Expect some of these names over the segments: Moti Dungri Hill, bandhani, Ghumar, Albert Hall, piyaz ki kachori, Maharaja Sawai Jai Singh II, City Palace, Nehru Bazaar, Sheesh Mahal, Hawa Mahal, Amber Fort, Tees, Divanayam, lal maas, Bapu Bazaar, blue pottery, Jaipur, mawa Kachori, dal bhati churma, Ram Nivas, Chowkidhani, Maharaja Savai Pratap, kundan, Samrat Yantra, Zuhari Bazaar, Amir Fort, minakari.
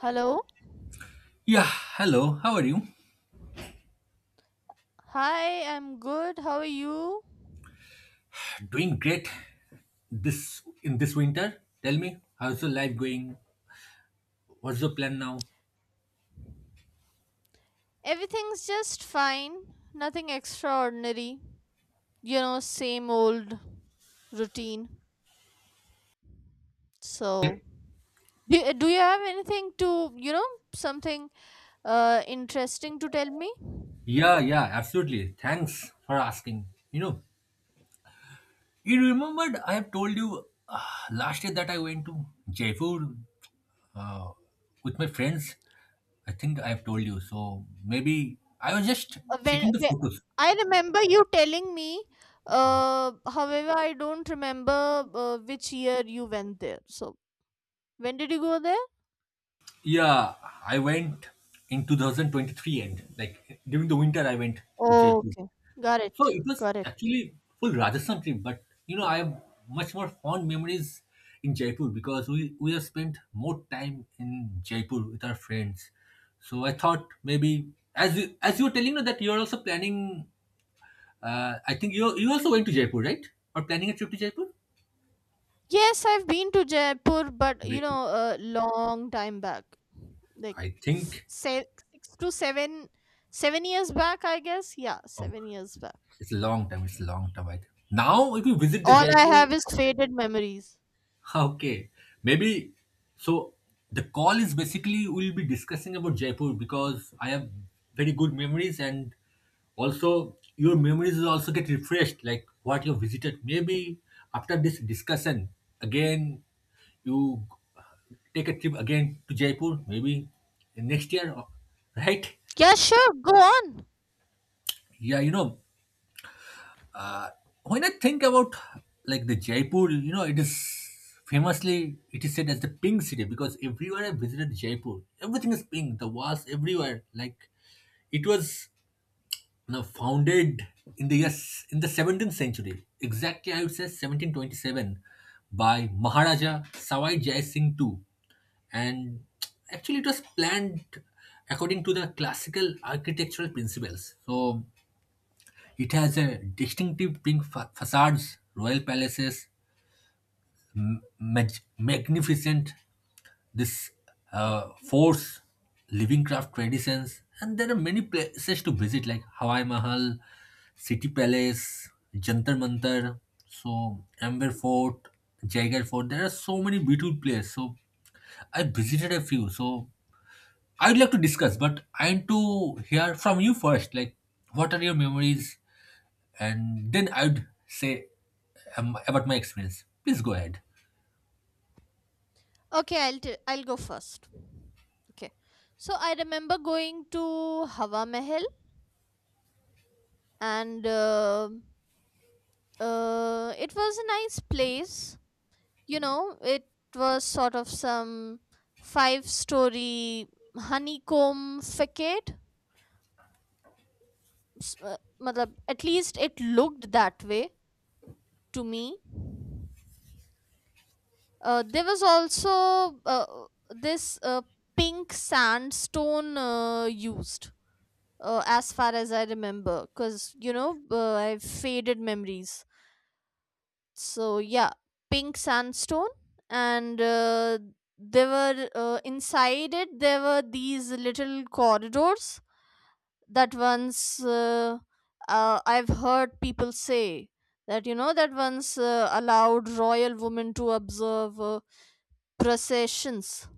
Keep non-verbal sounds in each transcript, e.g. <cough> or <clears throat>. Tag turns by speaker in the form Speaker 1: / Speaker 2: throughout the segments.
Speaker 1: Hello.
Speaker 2: Yeah, hello. How are you?
Speaker 1: Hi, I'm good. How are you?
Speaker 2: Doing great this winter. Tell me, how's your life going? What's your plan now?
Speaker 1: Everything's just fine. Nothing extraordinary. Same old routine. So, do you have anything to something interesting to tell me? Uh,
Speaker 2: Yeah, yeah, absolutely. Thanks for asking. You know, you remembered I have told you last year that I went to Jaipur with my friends. I think I have told you. So maybe I was just checking
Speaker 1: When,
Speaker 2: the
Speaker 1: when
Speaker 2: photos.
Speaker 1: I remember you telling me, however, I don't remember which year you went there. So, when did you go there?
Speaker 2: Yeah, I went in 2023, and like during the winter I went to Jaipur.
Speaker 1: Okay. Got
Speaker 2: So
Speaker 1: it.
Speaker 2: it was
Speaker 1: Got it.
Speaker 2: actually full Rajasthan trip, but you know I have much more fond memories in Jaipur because we have spent more time in Jaipur with our friends. So I thought maybe as you were telling me that you are also planning, I think you also went to Jaipur, right? Or planning a trip to Jaipur?
Speaker 1: Yes, I've been to Jaipur, but
Speaker 2: Great.
Speaker 1: a long time back, like
Speaker 2: I
Speaker 1: f-
Speaker 2: think,
Speaker 1: se- 6 to seven years back, I guess. Yeah,
Speaker 2: oh,
Speaker 1: 7 years back.
Speaker 2: it's a long time. It's a long time. I think. Now if you
Speaker 1: Mm.
Speaker 2: visit the
Speaker 1: All I
Speaker 2: Jaipur,
Speaker 1: have is faded memories.
Speaker 2: <laughs> okay, maybe so. The call is basically we'll be discussing about Jaipur because I have very good memories, and also your memories will also get refreshed, like what you visited. Maybe after this discussion, again you take a trip again to Jaipur, maybe next year, right?
Speaker 1: Yeah, sure, go on.
Speaker 2: Yeah, you know, Uh, when I think about like the Jaipur, it is famously it is said as the pink city because everywhere I visited Jaipur, everything is pink. The walls everywhere, like it was founded in the 17th century, exactly I would say 1727, by Maharaja Sawai Jai Singh II, and actually it was planned according to the classical architectural principles. So it has a distinctive pink facades, royal palaces, magnificent this forts, living craft traditions, and there are many places to visit like Hawaii Mahal, City Palace, Jantar Mantar, so Amber Fort, Jagar Fort. There are so many beautiful places. So I visited a few. So I'd like to discuss, but I want to hear from you first. Like, what are your memories? And then I would say about my experience. Please go ahead.
Speaker 1: Okay, I'll go first. Okay, so I remember going to Hawa Mahal and it was a nice place. It was sort of some 5-story honeycomb facade. Matlab, at least it looked that way to me. There was also this pink sandstone used, as far as I remember, because, I have faded memories. So yeah, pink sandstone. And they were inside it, there were these little corridors that once I've heard people say that, you know, that once allowed royal women to observe processions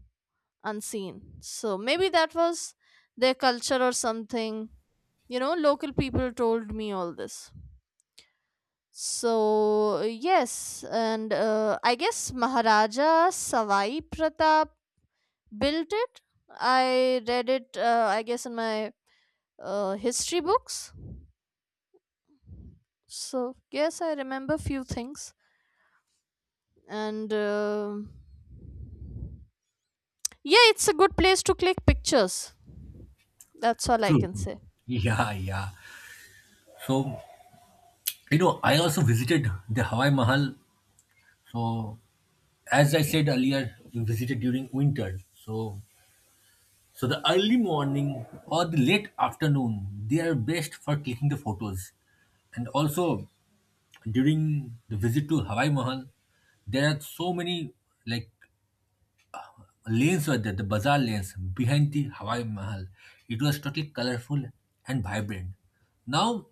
Speaker 1: unseen. So maybe that was their culture or something. You know, local people told me all this. So, yes. And I guess Maharaja Savai Pratap built it. I read it, I guess, in my history books. So, yes, I remember few things. And yeah, it's a good place to click pictures. That's all I
Speaker 2: True,
Speaker 1: can
Speaker 2: true.
Speaker 1: say.
Speaker 2: <laughs> Yeah, yeah. So, I also visited the Hawaii Mahal. So, as I said earlier, we visited during winter. So the early morning or the late afternoon, they are best for taking the photos. And also, during the visit to Hawaii Mahal, there are so many like lanes were there, the bazaar lanes behind the Hawaii Mahal. It was totally colorful and vibrant. Now,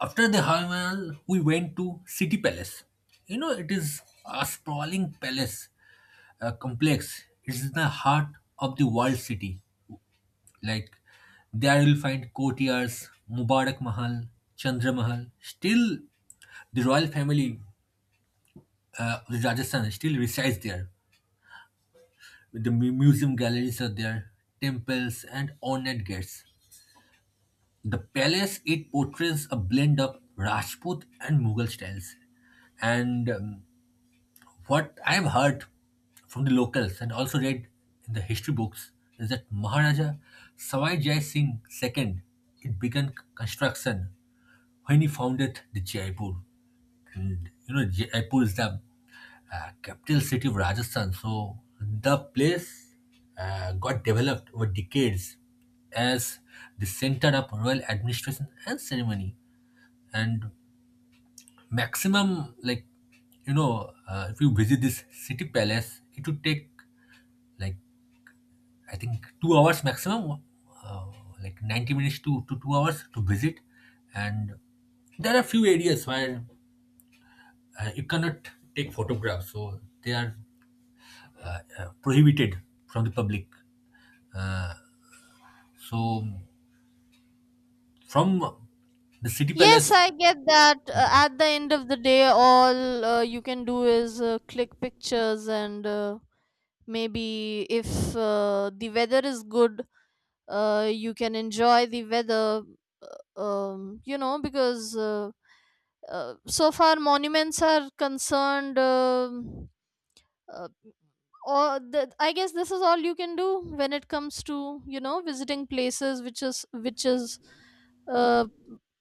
Speaker 2: after the Hawaii Mahal, we went to City Palace. You know, it is a sprawling palace complex. It's in the heart of the world city. Like there, you'll find courtiers, Mubarak Mahal, Chandra Mahal. Still, the royal family of Rajasthan still resides there. The museum galleries are there, temples, and ornate gates. The palace it portrays a blend of Rajput and Mughal styles. And what I have heard from the locals and also read in the history books is that Maharaja Sawai Jai Singh II it began construction when he founded the Jaipur. And you know Jaipur is the capital city of Rajasthan. So the place got developed over decades as the center of royal administration and ceremony. And maximum, like if you visit this city palace, it would take like I think 2 hours maximum, uh, like 90 minutes to 2 hours to visit. And there are few areas where you cannot take photographs, so they are prohibited from the public. So from the city
Speaker 1: Yes,
Speaker 2: palace.
Speaker 1: I get that. At the end of the day, all you can do is click pictures, and maybe if the weather is good, you can enjoy the weather, you know, because so far monuments are concerned, uh, or the, I guess this is all you can do when it comes to, you know, visiting places, which is uh,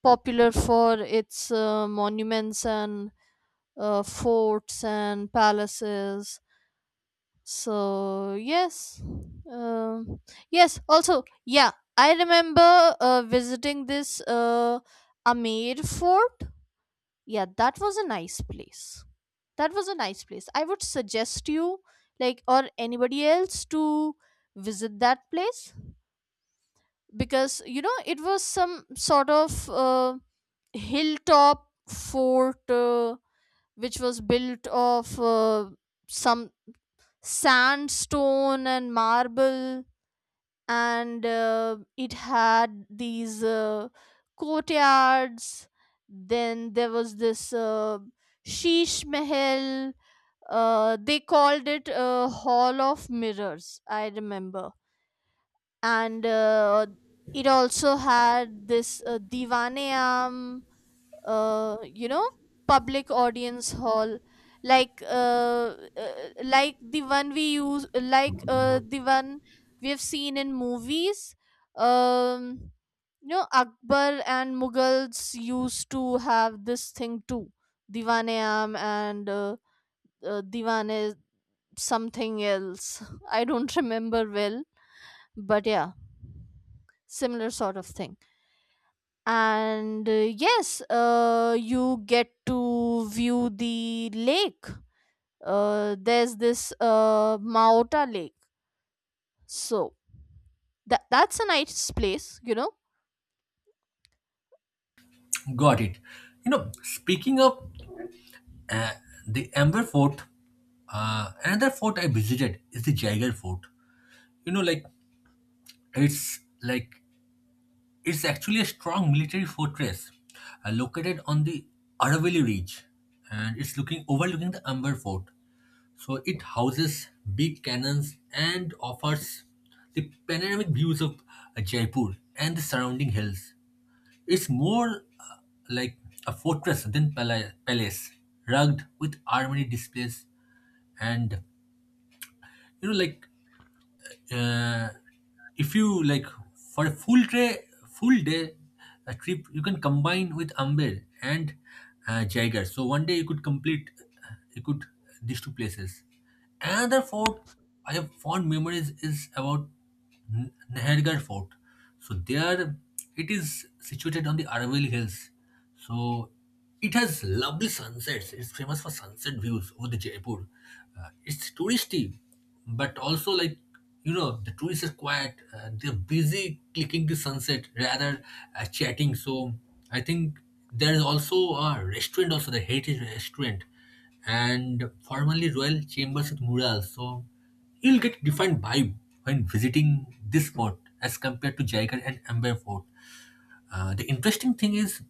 Speaker 1: popular for its monuments and forts and palaces. So yes. um yes, also, yeah, I remember visiting this Amir Fort. Yeah, that was a nice place that was a nice place I would suggest you, like, or anybody else, to visit that place, because, you know, it was some sort of hilltop fort, which was built of some sandstone and marble. And it had these courtyards. Then there was this Sheesh Mahal, they called it a hall of mirrors, I remember. And it also had this Divaneam, you know, public audience hall, like, like the one we use, like the one we have seen in movies. um you know, Akbar and Mughals used to have this thing too. Divanayam and Divane something else. <laughs> I don't remember well, but yeah, similar sort of thing. And yes, you get to view the lake. There's this Maota Lake. So that's a nice place, you know.
Speaker 2: Got it. You know, speaking of uh, the Amber Fort, another fort I visited is the Jaeger Fort. You know, like it's like it's actually a strong military fortress located on the Aravalli Ridge, and it's looking overlooking the Amber Fort. So it houses big cannons and offers the panoramic views of Jaipur and the surrounding hills. It's more like a fortress than palace, rugged with armory displays, and like uh, if you like for a full day a trip, you can combine with Amber and Jaeger. So one day you could you could these two places. Another fort I have fond memories is about. Nahargarh Fort. So there it is situated on the Aravalli Hills. So it has lovely sunsets. It's famous for sunset views over the Jaipur. It's touristy, but also like the tourists are quiet. They're busy clicking the sunset rather chatting. So I think there is also a restaurant, also the heritage restaurant, and formerly Royal Chambers with murals. So you'll get different vibe when visiting this spot as compared to Jaigarh and Amber Fort. The interesting thing is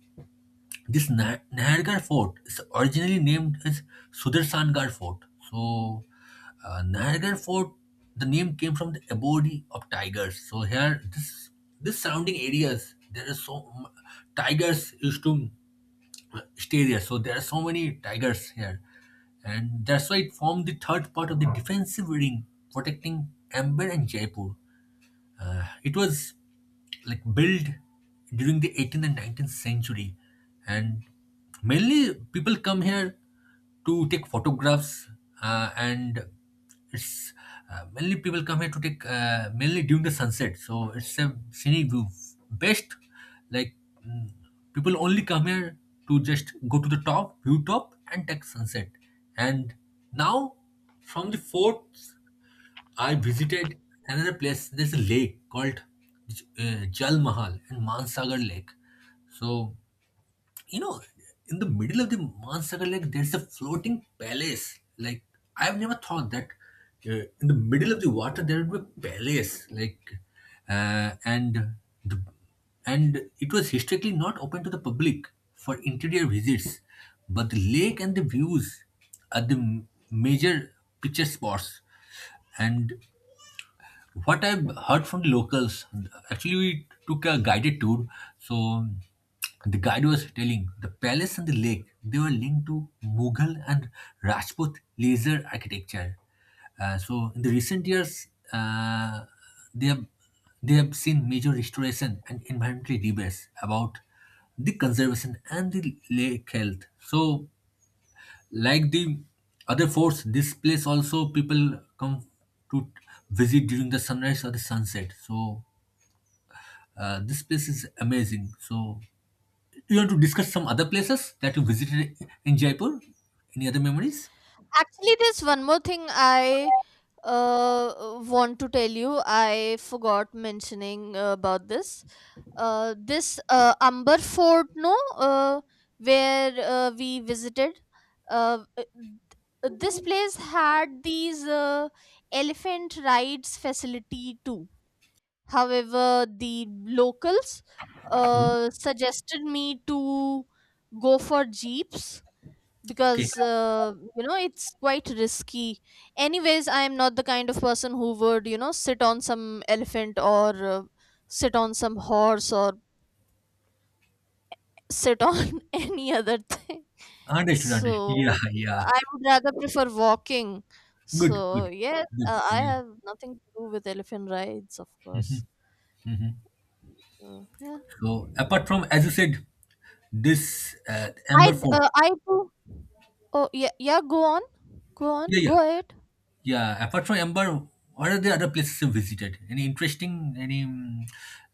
Speaker 2: this Nahargarh Fort is originally named as Sudarsangarh Fort. So Nahargarh Fort, the name came from the abode of tigers. So here, this surrounding areas, there is tigers used to state area. So there are so many tigers here, and that's why it formed the third part of the defensive ring protecting Amber and Jaipur. It was like built during the 18th and 19th century, and mainly people come here to take photographs, and it's mainly people come here to take mainly during the sunset. So it's a scenic view. Best like mm, people only come here to just go to the top, view top, and take sunset. And now from the fort I visited another place. There's a lake called Jal Mahal and Mansagar Lake. So, you know, in the middle of the Mansagar Lake, there's a floating palace. Like, I've never thought that in the middle of the water there would be a palace. Like, uh, and the, and it was historically not open to the public for interior visits. But the lake and the views are the major picture spots, and what I've heard from the locals, actually, we took a guided tour. So the guide was telling the palace and the lake they were linked to Mughal and Rajput laser architecture. So in the recent years, uh, they have they have seen major restoration and environmental debates about the conservation and the lake health. So like the other forts, this place also people come to visit during the sunrise or the sunset. So this place is amazing. So you want to discuss some other places that you visited in Jaipur? Any other memories?
Speaker 1: Actually, there's one more thing I want to tell you. I forgot mentioning about this Amber Fort, no, where we visited. Uh, uh, this place had these elephant rides facility too. However, the locals suggested me to go for jeeps,
Speaker 2: Okay,
Speaker 1: because, you know, it's quite risky. Anyways, I am not the kind of person who would, you know, sit on some elephant, or sit on some horse, or sit on <laughs> any other thing.
Speaker 2: understood, understood. <laughs> Yeah,
Speaker 1: So
Speaker 2: yeah.
Speaker 1: I would rather prefer walking.
Speaker 2: Good,
Speaker 1: So
Speaker 2: good,
Speaker 1: yes,
Speaker 2: good.
Speaker 1: I
Speaker 2: Yeah.
Speaker 1: have nothing to do with elephant rides, of course. So yeah,
Speaker 2: So apart from, as you said, this
Speaker 1: I
Speaker 2: Amber Fort.
Speaker 1: uh, I do. Oh yeah, yeah. Go on, go on,
Speaker 2: Yeah, yeah.
Speaker 1: go ahead.
Speaker 2: Yeah, apart from Amber, what are the other places you visited? Any interesting, any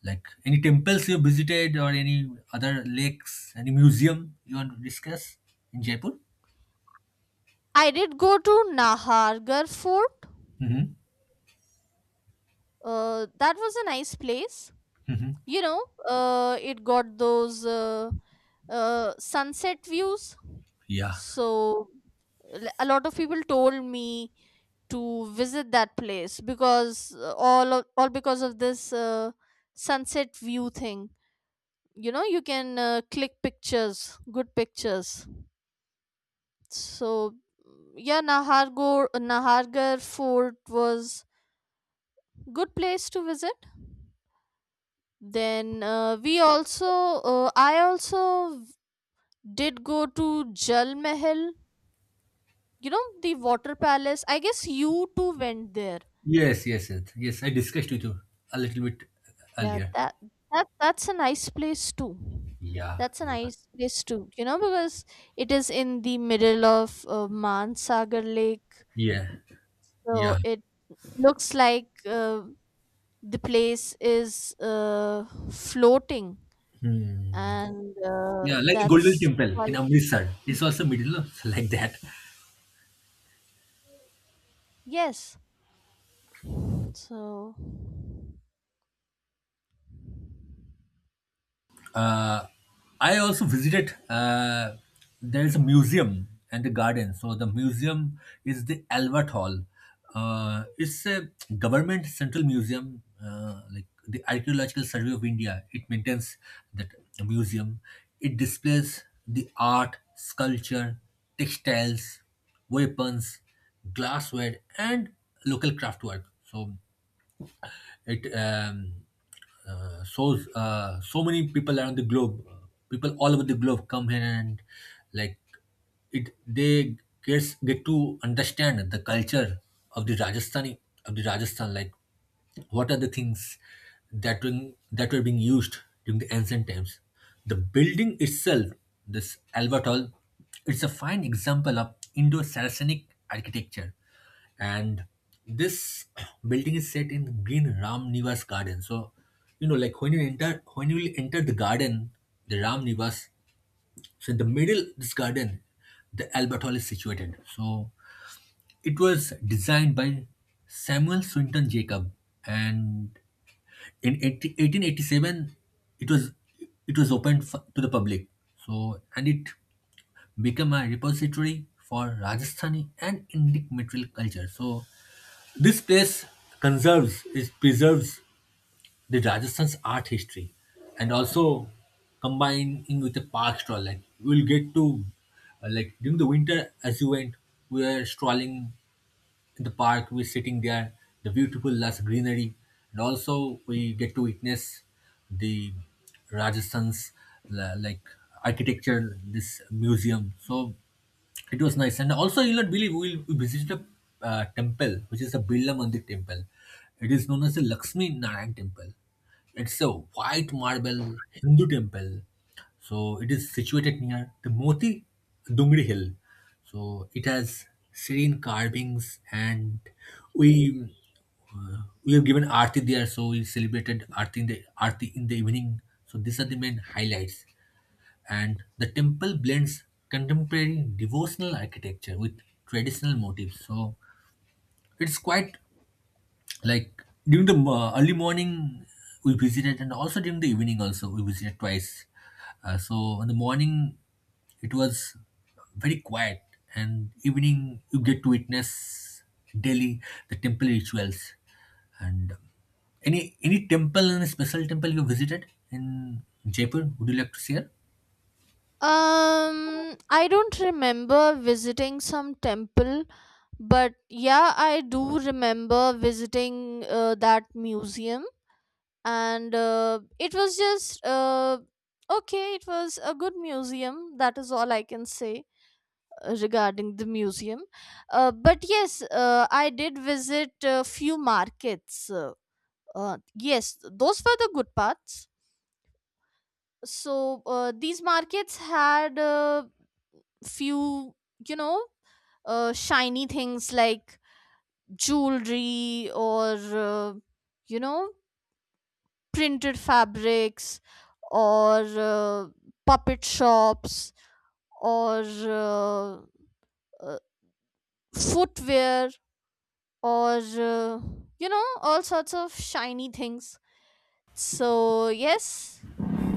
Speaker 2: like any temples you visited, or any other lakes, any museum you want to discuss in Jaipur?
Speaker 1: I did go to Nahargarh Fort.
Speaker 2: Mm-hmm.
Speaker 1: That was a nice place.
Speaker 2: Mm-hmm.
Speaker 1: You know, it got those sunset views.
Speaker 2: Yeah.
Speaker 1: So, a lot of people told me to visit that place, because all of, all, because of this sunset view thing. You know, you can click pictures, good pictures. So yeah, nahargor Nahargarh Fort was good place to visit. Then we also I also did go to Jal Mahal. You know, the water palace. I guess you too went there.
Speaker 2: Yes, yes, yes, yes. I discussed with you a little bit
Speaker 1: Yeah,
Speaker 2: earlier.
Speaker 1: that's a nice place too.
Speaker 2: Yeah, yeah,
Speaker 1: You know, because it is in the middle of Mansagar Lake,
Speaker 2: yeah,
Speaker 1: so
Speaker 2: yeah,
Speaker 1: it looks like the place is floating, and
Speaker 2: yeah. Like the Golden
Speaker 1: that's
Speaker 2: Temple in
Speaker 1: quite...
Speaker 2: Amritsar, it's also middle, <laughs> like that.
Speaker 1: yes. So.
Speaker 2: uh, I also visited. There is a museum and a garden. So the museum is the Albert Hall. It's a government central museum, like the Archaeological Survey of India. It maintains that museum. It displays the art, sculpture, textiles, weapons, glassware, and local craftwork. So it shows so many people around the globe. People all over the globe come here and like it. They get to understand the culture of the Rajasthan. Like what are the things that were being used during the ancient times. The building itself, this Albert Hall, it's a fine example of Indo-Saracenic architecture, and this <clears throat> building is set in green Ram Nivas garden. So, like when you will enter the garden, the Ram Nivas, so in the middle of this garden, the Albert Hall is situated. So, it was designed by Samuel Swinton Jacob, and in 80 1887, it was it was opened to the public. So, and it became a repository for Rajasthani and Indic material culture. So, this place conserves it preserves the Rajasthan's art history, and also combining with the park stroll. Like we'll get to like during the winter as you went, we were strolling in the park, we're sitting there, the beautiful lush greenery, and also we get to witness the Rajasthan's like architecture, this museum. So it was nice. And also you'll not believe we visited a temple which is a Birla Mandir temple. It is known as the Lakshmi Narayan temple. It's a white marble Hindu temple, so it is situated near the Moti Dungri Hill. So it has serene carvings, and we we have given Aarti there. So we celebrated Aarti in the evening. So these are the main highlights. And the temple blends contemporary devotional architecture with traditional motifs. So it's quite like during the early morning we visited, and also during the evening also we visited twice. So in the morning it was very quiet, and evening you get to witness daily the temple rituals. And any temple, any special temple you visited in jaipur, would you like to share?
Speaker 1: I don't remember visiting some temple, but yeah, I do remember visiting that museum, and it was just okay. It was a good museum. That is all I can say regarding the museum. But yes, I did visit a few markets. Yes, those were the good parts. So, these markets had few, you know, shiny things, like jewelry, or you know, printed fabrics, or puppet shops, or uh, footwear, or you know, all sorts of shiny things. So yes,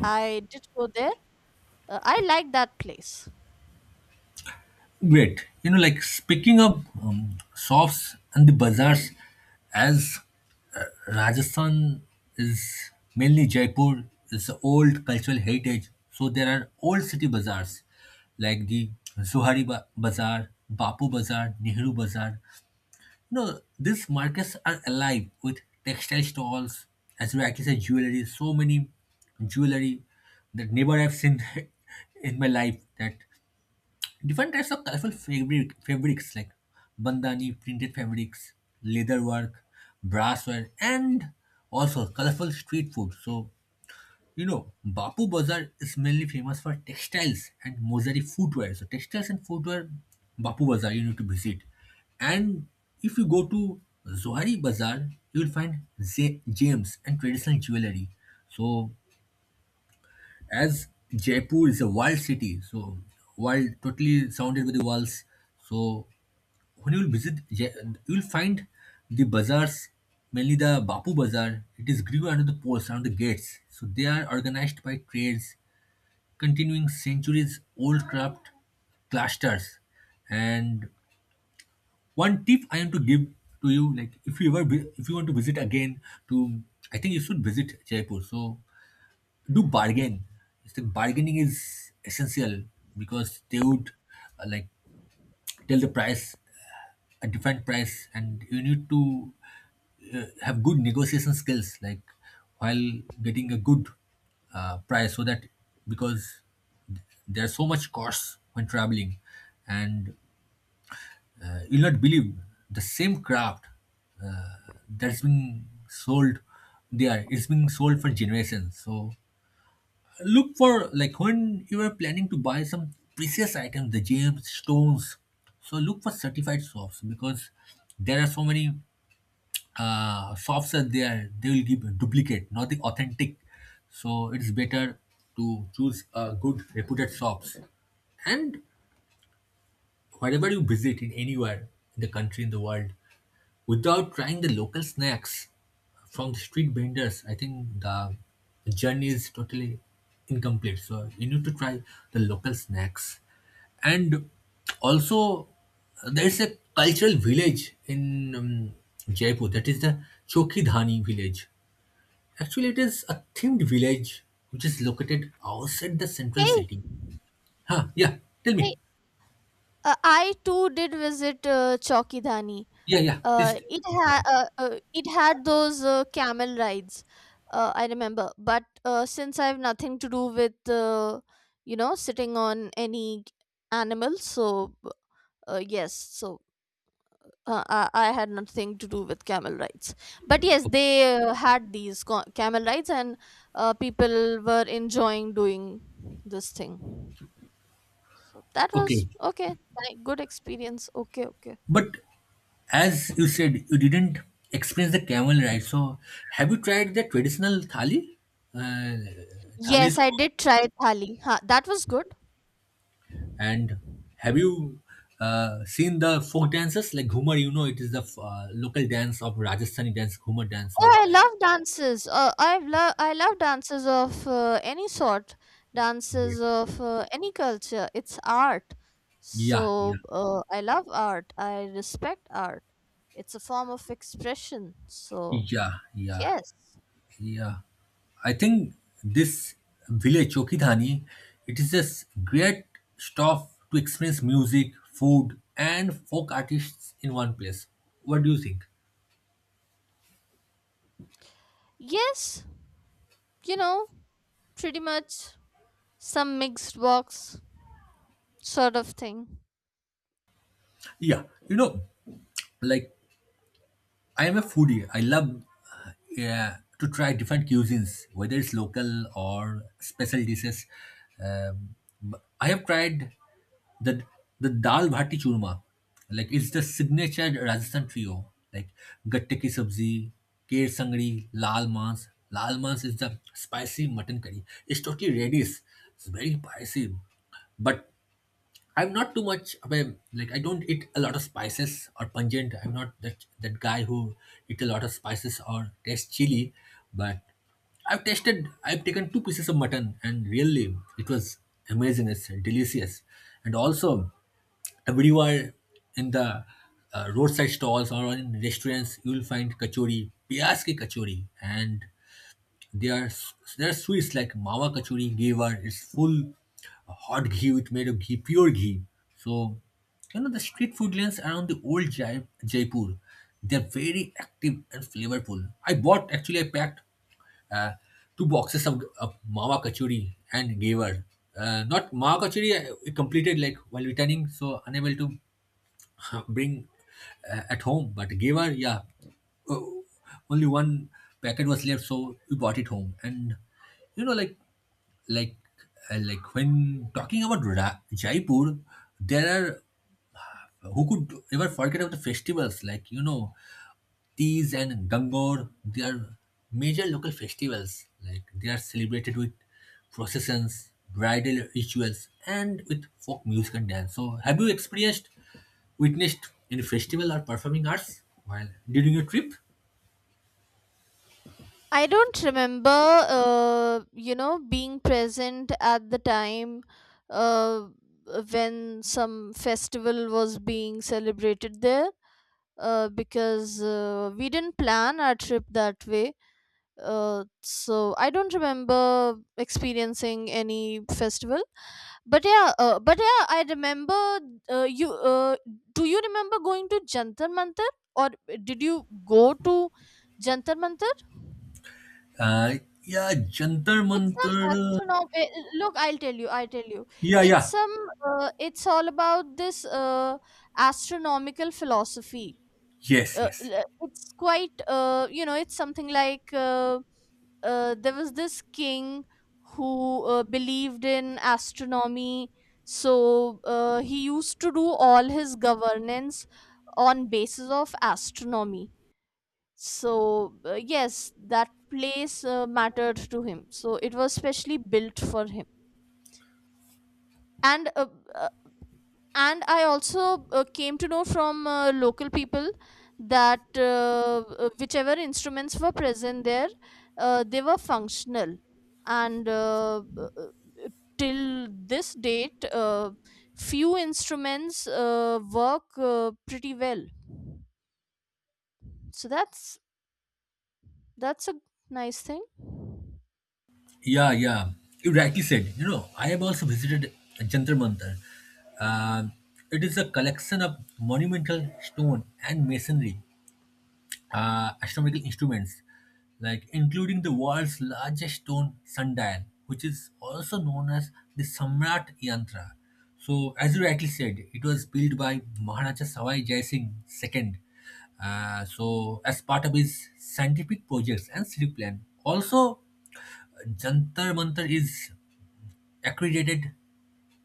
Speaker 1: I did go there. I like that place.
Speaker 2: Great. You know, like speaking of shops and the bazaars, as Rajasthan is mainly Jaipur, it's an old cultural heritage. So there are old city bazaars like the Bazaar, Bapu Bazaar, Nehru Bazaar. You know, these markets are alive with textile stalls, as well as jewelry, so many jewelry that never I've seen <laughs> in my life, that different types of colorful fabrics like bandhani, printed fabrics, leather work, brassware, and also colorful street food. So you know, Bapu Bazaar is mainly famous for textiles and mosaic footwear. So textiles and footwear, Bapu Bazaar you need to visit. And if you go to Zohari Bazaar, you will find gems and traditional jewelry. So as Jaipur is a wild city, so wild, totally surrounded by the walls. So when you will visit, you will find the bazaars, mainly the Bapu Bazaar. It is grew under the posts, under the gates. So they are organized by trades, continuing centuries old craft clusters. And one tip I am to give to you, like if you want to visit again, to, I think you should visit Jaipur. So do bargain. I think bargaining is essential because they would like tell the price, a different price, and you need to have good negotiation skills, like while getting a good price, so that, because there's so much cost when traveling, and you'll not believe the same craft uh, that's been sold there. It's been sold for generations, so look for, like when you are planning to buy some precious items, the gems stones, so look for certified shops, because there are so many shops are there, they will give a duplicate, not the authentic. So it's better to choose good reputed shops. And wherever you visit, in anywhere in the country, in the world, without trying the local snacks from the street vendors, I think the journey is totally incomplete. So you need to try the local snacks. And also, there's a cultural village in Jaipur, that is the Chokidhani village. Actually, it is a themed village which is located outside the central
Speaker 1: Hey.
Speaker 2: city. Huh, yeah, tell
Speaker 1: Hey,
Speaker 2: me.
Speaker 1: I too did visit Chowkidhani.
Speaker 2: Yeah, yeah, please,
Speaker 1: It
Speaker 2: please go
Speaker 1: had
Speaker 2: ahead.
Speaker 1: it had those camel rides, I remember, but since I have nothing to do with, you know, sitting on any animal, so yes. So I had nothing to do with camel rides, but yes, they had these camel rides, and people were enjoying doing this thing. So that was
Speaker 2: Okay,
Speaker 1: okay. Good experience. Okay, okay.
Speaker 2: but as you said, you didn't experience the camel ride. So, have you tried the traditional thali? Uh,
Speaker 1: Yes,
Speaker 2: Thalis,
Speaker 1: I did try thali, ha, that was good.
Speaker 2: and have you seen the folk dances like Ghumar? You know, it is the local dance of Rajasthani dance, Ghumar dance.
Speaker 1: Oh,
Speaker 2: Or,
Speaker 1: I love dances. I love dances of any sort, dances of any culture. It's art.
Speaker 2: yeah, yeah,
Speaker 1: So I love art. I respect art. It's a form of expression. So,
Speaker 2: yeah, yeah.
Speaker 1: yes.
Speaker 2: Yeah, I think this village Chokidhani, it is just great stuff to experience music, food, and folk artists in one place. What do you think?
Speaker 1: Yes, you know, pretty much some mixed box sort of thing.
Speaker 2: Yeah, you know, like I am a foodie. I love yeah, to try different cuisines, whether it's local or special dishes. Um, I have tried the dal bhati churma, like it's the signature Rajasthan trio, like gatte ki sabzi, kher sangri, lal maas. Lal maas is the spicy mutton curry. It's totally reddish. It's very spicy, but I'm not too much of a, like I don't eat a lot of spices or pungent. I'm not that guy who eat a lot of spices or taste chili, but I've taken two pieces of mutton, and really it was amazing. It's delicious. And also everywhere in the roadside stalls or in restaurants you will find kachori, piyaz ki kachori, and their, their sweets like mawa Kachori gave her its full hot ghee with made of ghee, pure ghee. So, you know, the street food lanes around the old Jaipur, they're very active and flavorful. I bought, actually, I packed uh, two boxes of mawa Kachori and gave. Not mawa Kachori, I, we completed like while returning, so unable to <laughs> bring at home. But gave her. Yeah, uh, only one packet was left, so we bought it home. And you know, like like when talking about Jaipur, there are, who could ever forget of the festivals like you know Tees and Gangor, they are major local festivals. Like they are celebrated with processions, bridal rituals, and with folk music and dance. So, have you experienced, witnessed any festival or performing arts while during your trip?
Speaker 1: I don't remember, you know, being present at the time uh, when some festival was being celebrated there, because we didn't plan our trip that way. So I don't remember experiencing any festival. But yeah, I remember you. Do you remember going to Jantar Mantar, or did you go to Jantar Mantar?
Speaker 2: Uh, yeah, Jantar
Speaker 1: It's some
Speaker 2: Mantar.
Speaker 1: astronom, look, I'll tell you.
Speaker 2: Yeah,
Speaker 1: It's
Speaker 2: yeah,
Speaker 1: some, it's all about this astronomical philosophy.
Speaker 2: yes, yes.
Speaker 1: It's quite, you know, it's something like, there was this king who believed in astronomy. So he used to do all his governance on basis of astronomy. So yes, that place mattered to him, so it was specially built for him. And uh, and I also came to know from local people that, whichever instruments were present there, they were functional. And till this date, few instruments work pretty well. So that's a nice thing.
Speaker 2: Yeah, yeah. You rightly said. You know, I have also visited Jantar Mantar. Um, it is a collection of monumental stone and masonry astronomical instruments, like including the world's largest stone sundial, which is also known as the Samrat Yantra. So, as you rightly said, it was built by Maharaja Sawai Jai Singh II. So, as part of his scientific projects and city plan, also Jantar Mantar is accredited,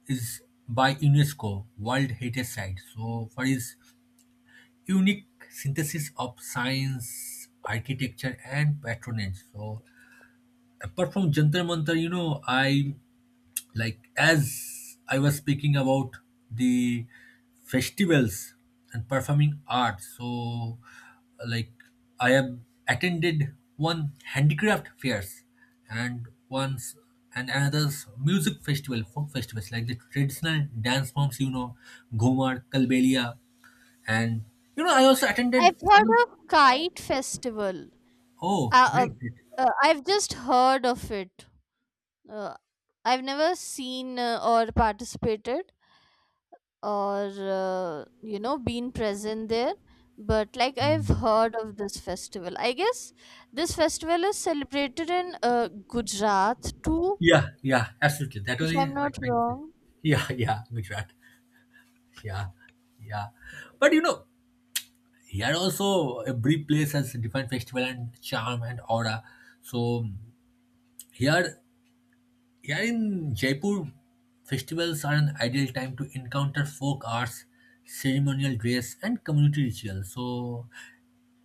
Speaker 2: is by UNESCO World Heritage Site. So, for his unique synthesis of science, architecture, and patronage. So apart from Jantar Mantar, you know, I, like as I was speaking about the festivals and performing arts, so like I have attended one handicraft fairs, and once and another's music festival, folk festivals like the traditional dance forms, you know, ghumar kalbelia, and you know I also attended.
Speaker 1: I've heard of kite festival.
Speaker 2: Oh
Speaker 1: Uh, uh,
Speaker 2: great.
Speaker 1: I've just heard of it. Uh, I've never seen, or participated, or you know, been present there, but like, I've heard of this festival. I guess this festival is celebrated in Gujarat too,
Speaker 2: Yeah, yeah, absolutely, that
Speaker 1: if
Speaker 2: only
Speaker 1: I'm
Speaker 2: I was
Speaker 1: not
Speaker 2: trying to say.
Speaker 1: wrong.
Speaker 2: <laughs> Yeah, yeah, gujarat. Yeah, yeah. But you know, here also every place has a different festival and charm and aura. So here, here in Jaipur, festivals are an ideal time to encounter folk arts, ceremonial dress, and community rituals. So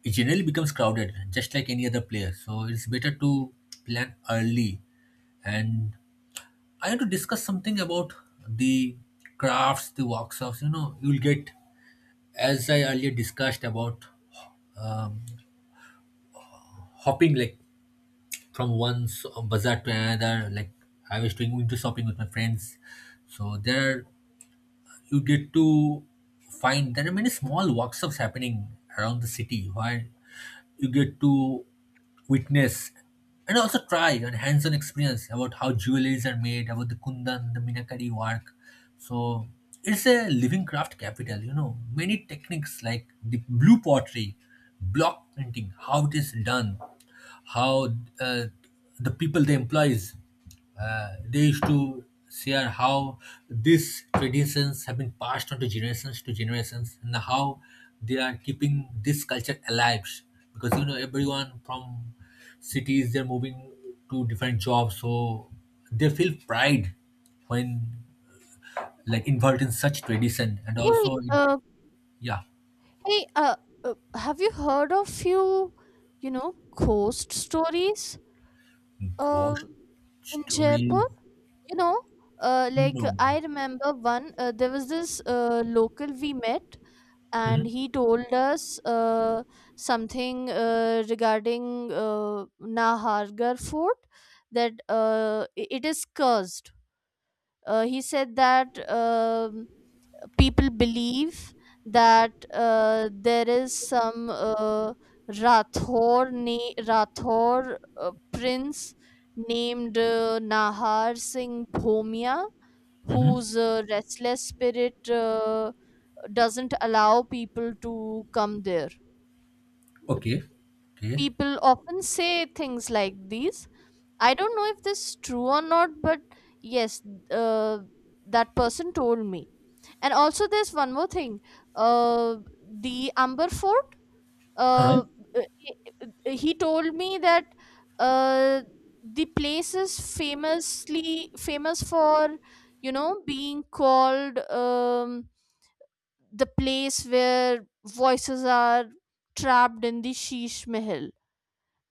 Speaker 2: it generally becomes crowded, just like any other place. So it's better to plan early. And I want to discuss something about the crafts, the workshops. You know, you'll get, as I earlier discussed about um, hopping like from one bazaar to another, like I was doing window shopping with my friends. So there you get to find there are many small workshops happening around the city where you get to witness and also try and hands-on experience about how jewelries are made, about the kundan, the minakari work. So it's a living craft capital, you know. Many techniques like the blue pottery, block printing, how it is done, how uh, the people they employ is. They used to share how these traditions have been passed on to generations to generations, and how they are keeping this culture alive, because you know everyone from cities they're moving to different jobs, so they feel pride when like involved in such tradition, and
Speaker 1: Hey,
Speaker 2: also it, yeah.
Speaker 1: hey, have you heard of few, you know, ghost stories?
Speaker 2: Ghost
Speaker 1: Um, in
Speaker 2: stories?
Speaker 1: Jaipur, you know, like
Speaker 2: No. Mm-hmm.
Speaker 1: I remember one. There was this local we met, and he told us something regarding Nahargarh Fort, that it is cursed. He said that. People believe that there is some Rathor prince, named Nahar Singh Bhomia,
Speaker 2: Mm-hmm.
Speaker 1: whose restless spirit doesn't allow people to come there. The
Speaker 2: Okay. Okay.
Speaker 1: people often say things like these. I don't know if this is true or not, but yes, uh, that person told me. And also there's one more thing. uh the Amber Fort,
Speaker 2: Huh.
Speaker 1: uh uh, he uh, he told me that uh the place is famously famous for, you know, being called the place where voices are trapped in the Sheesh Mahal,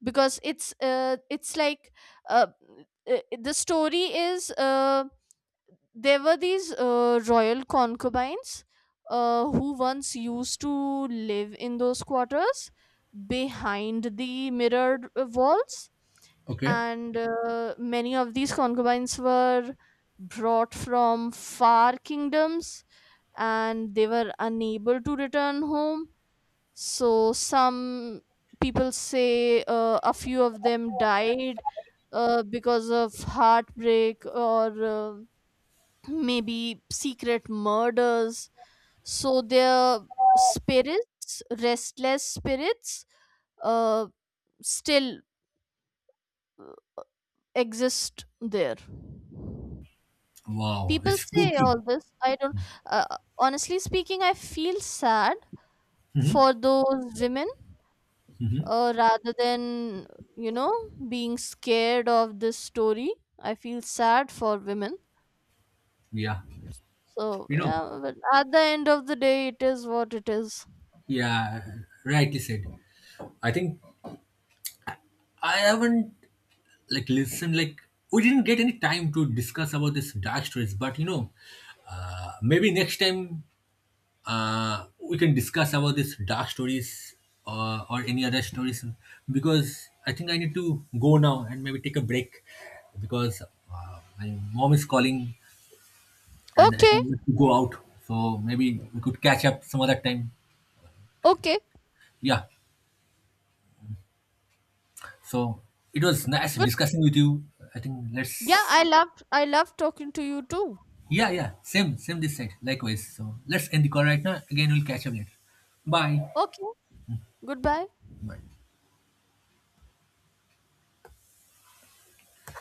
Speaker 1: because it's like, uh the story is, there were these royal concubines who once used to live in those quarters behind the mirrored walls,
Speaker 2: Okay.
Speaker 1: and many of these concubines were brought from far kingdoms, and they were unable to return home. So some people say a few of them died, because of heartbreak, or maybe secret murders. So their spirits, restless spirits, uh, still exist there.
Speaker 2: Wow,
Speaker 1: People
Speaker 2: it's
Speaker 1: say
Speaker 2: spooky.
Speaker 1: all this. I don't. Uh, Honestly speaking, I feel sad
Speaker 2: Mhm.
Speaker 1: for those women,
Speaker 2: Hmm.
Speaker 1: rather than, you know, being scared of this story. I feel sad for women.
Speaker 2: Yeah,
Speaker 1: So
Speaker 2: you know,
Speaker 1: yeah, but at the end of the day, it is what it is.
Speaker 2: yeah, right. You said. I think I haven't like listened. Like we didn't get any time to discuss about this dark stories, but you know, maybe next time we can discuss about this dark stories or any other stories, because I think I need to go now and maybe take a break because my mom is calling, and I
Speaker 1: Okay,
Speaker 2: think we have to go out. So maybe we could catch up some other time.
Speaker 1: okay.
Speaker 2: Yeah. So it was nice
Speaker 1: Good.
Speaker 2: discussing with you. I think
Speaker 1: Yeah,
Speaker 2: let's,
Speaker 1: I loved talking to you too.
Speaker 2: yeah, yeah, same, same this side. Likewise. So let's end the call right now. Again, we'll catch up later. Bye.
Speaker 1: Okay. Goodbye.
Speaker 2: Bye.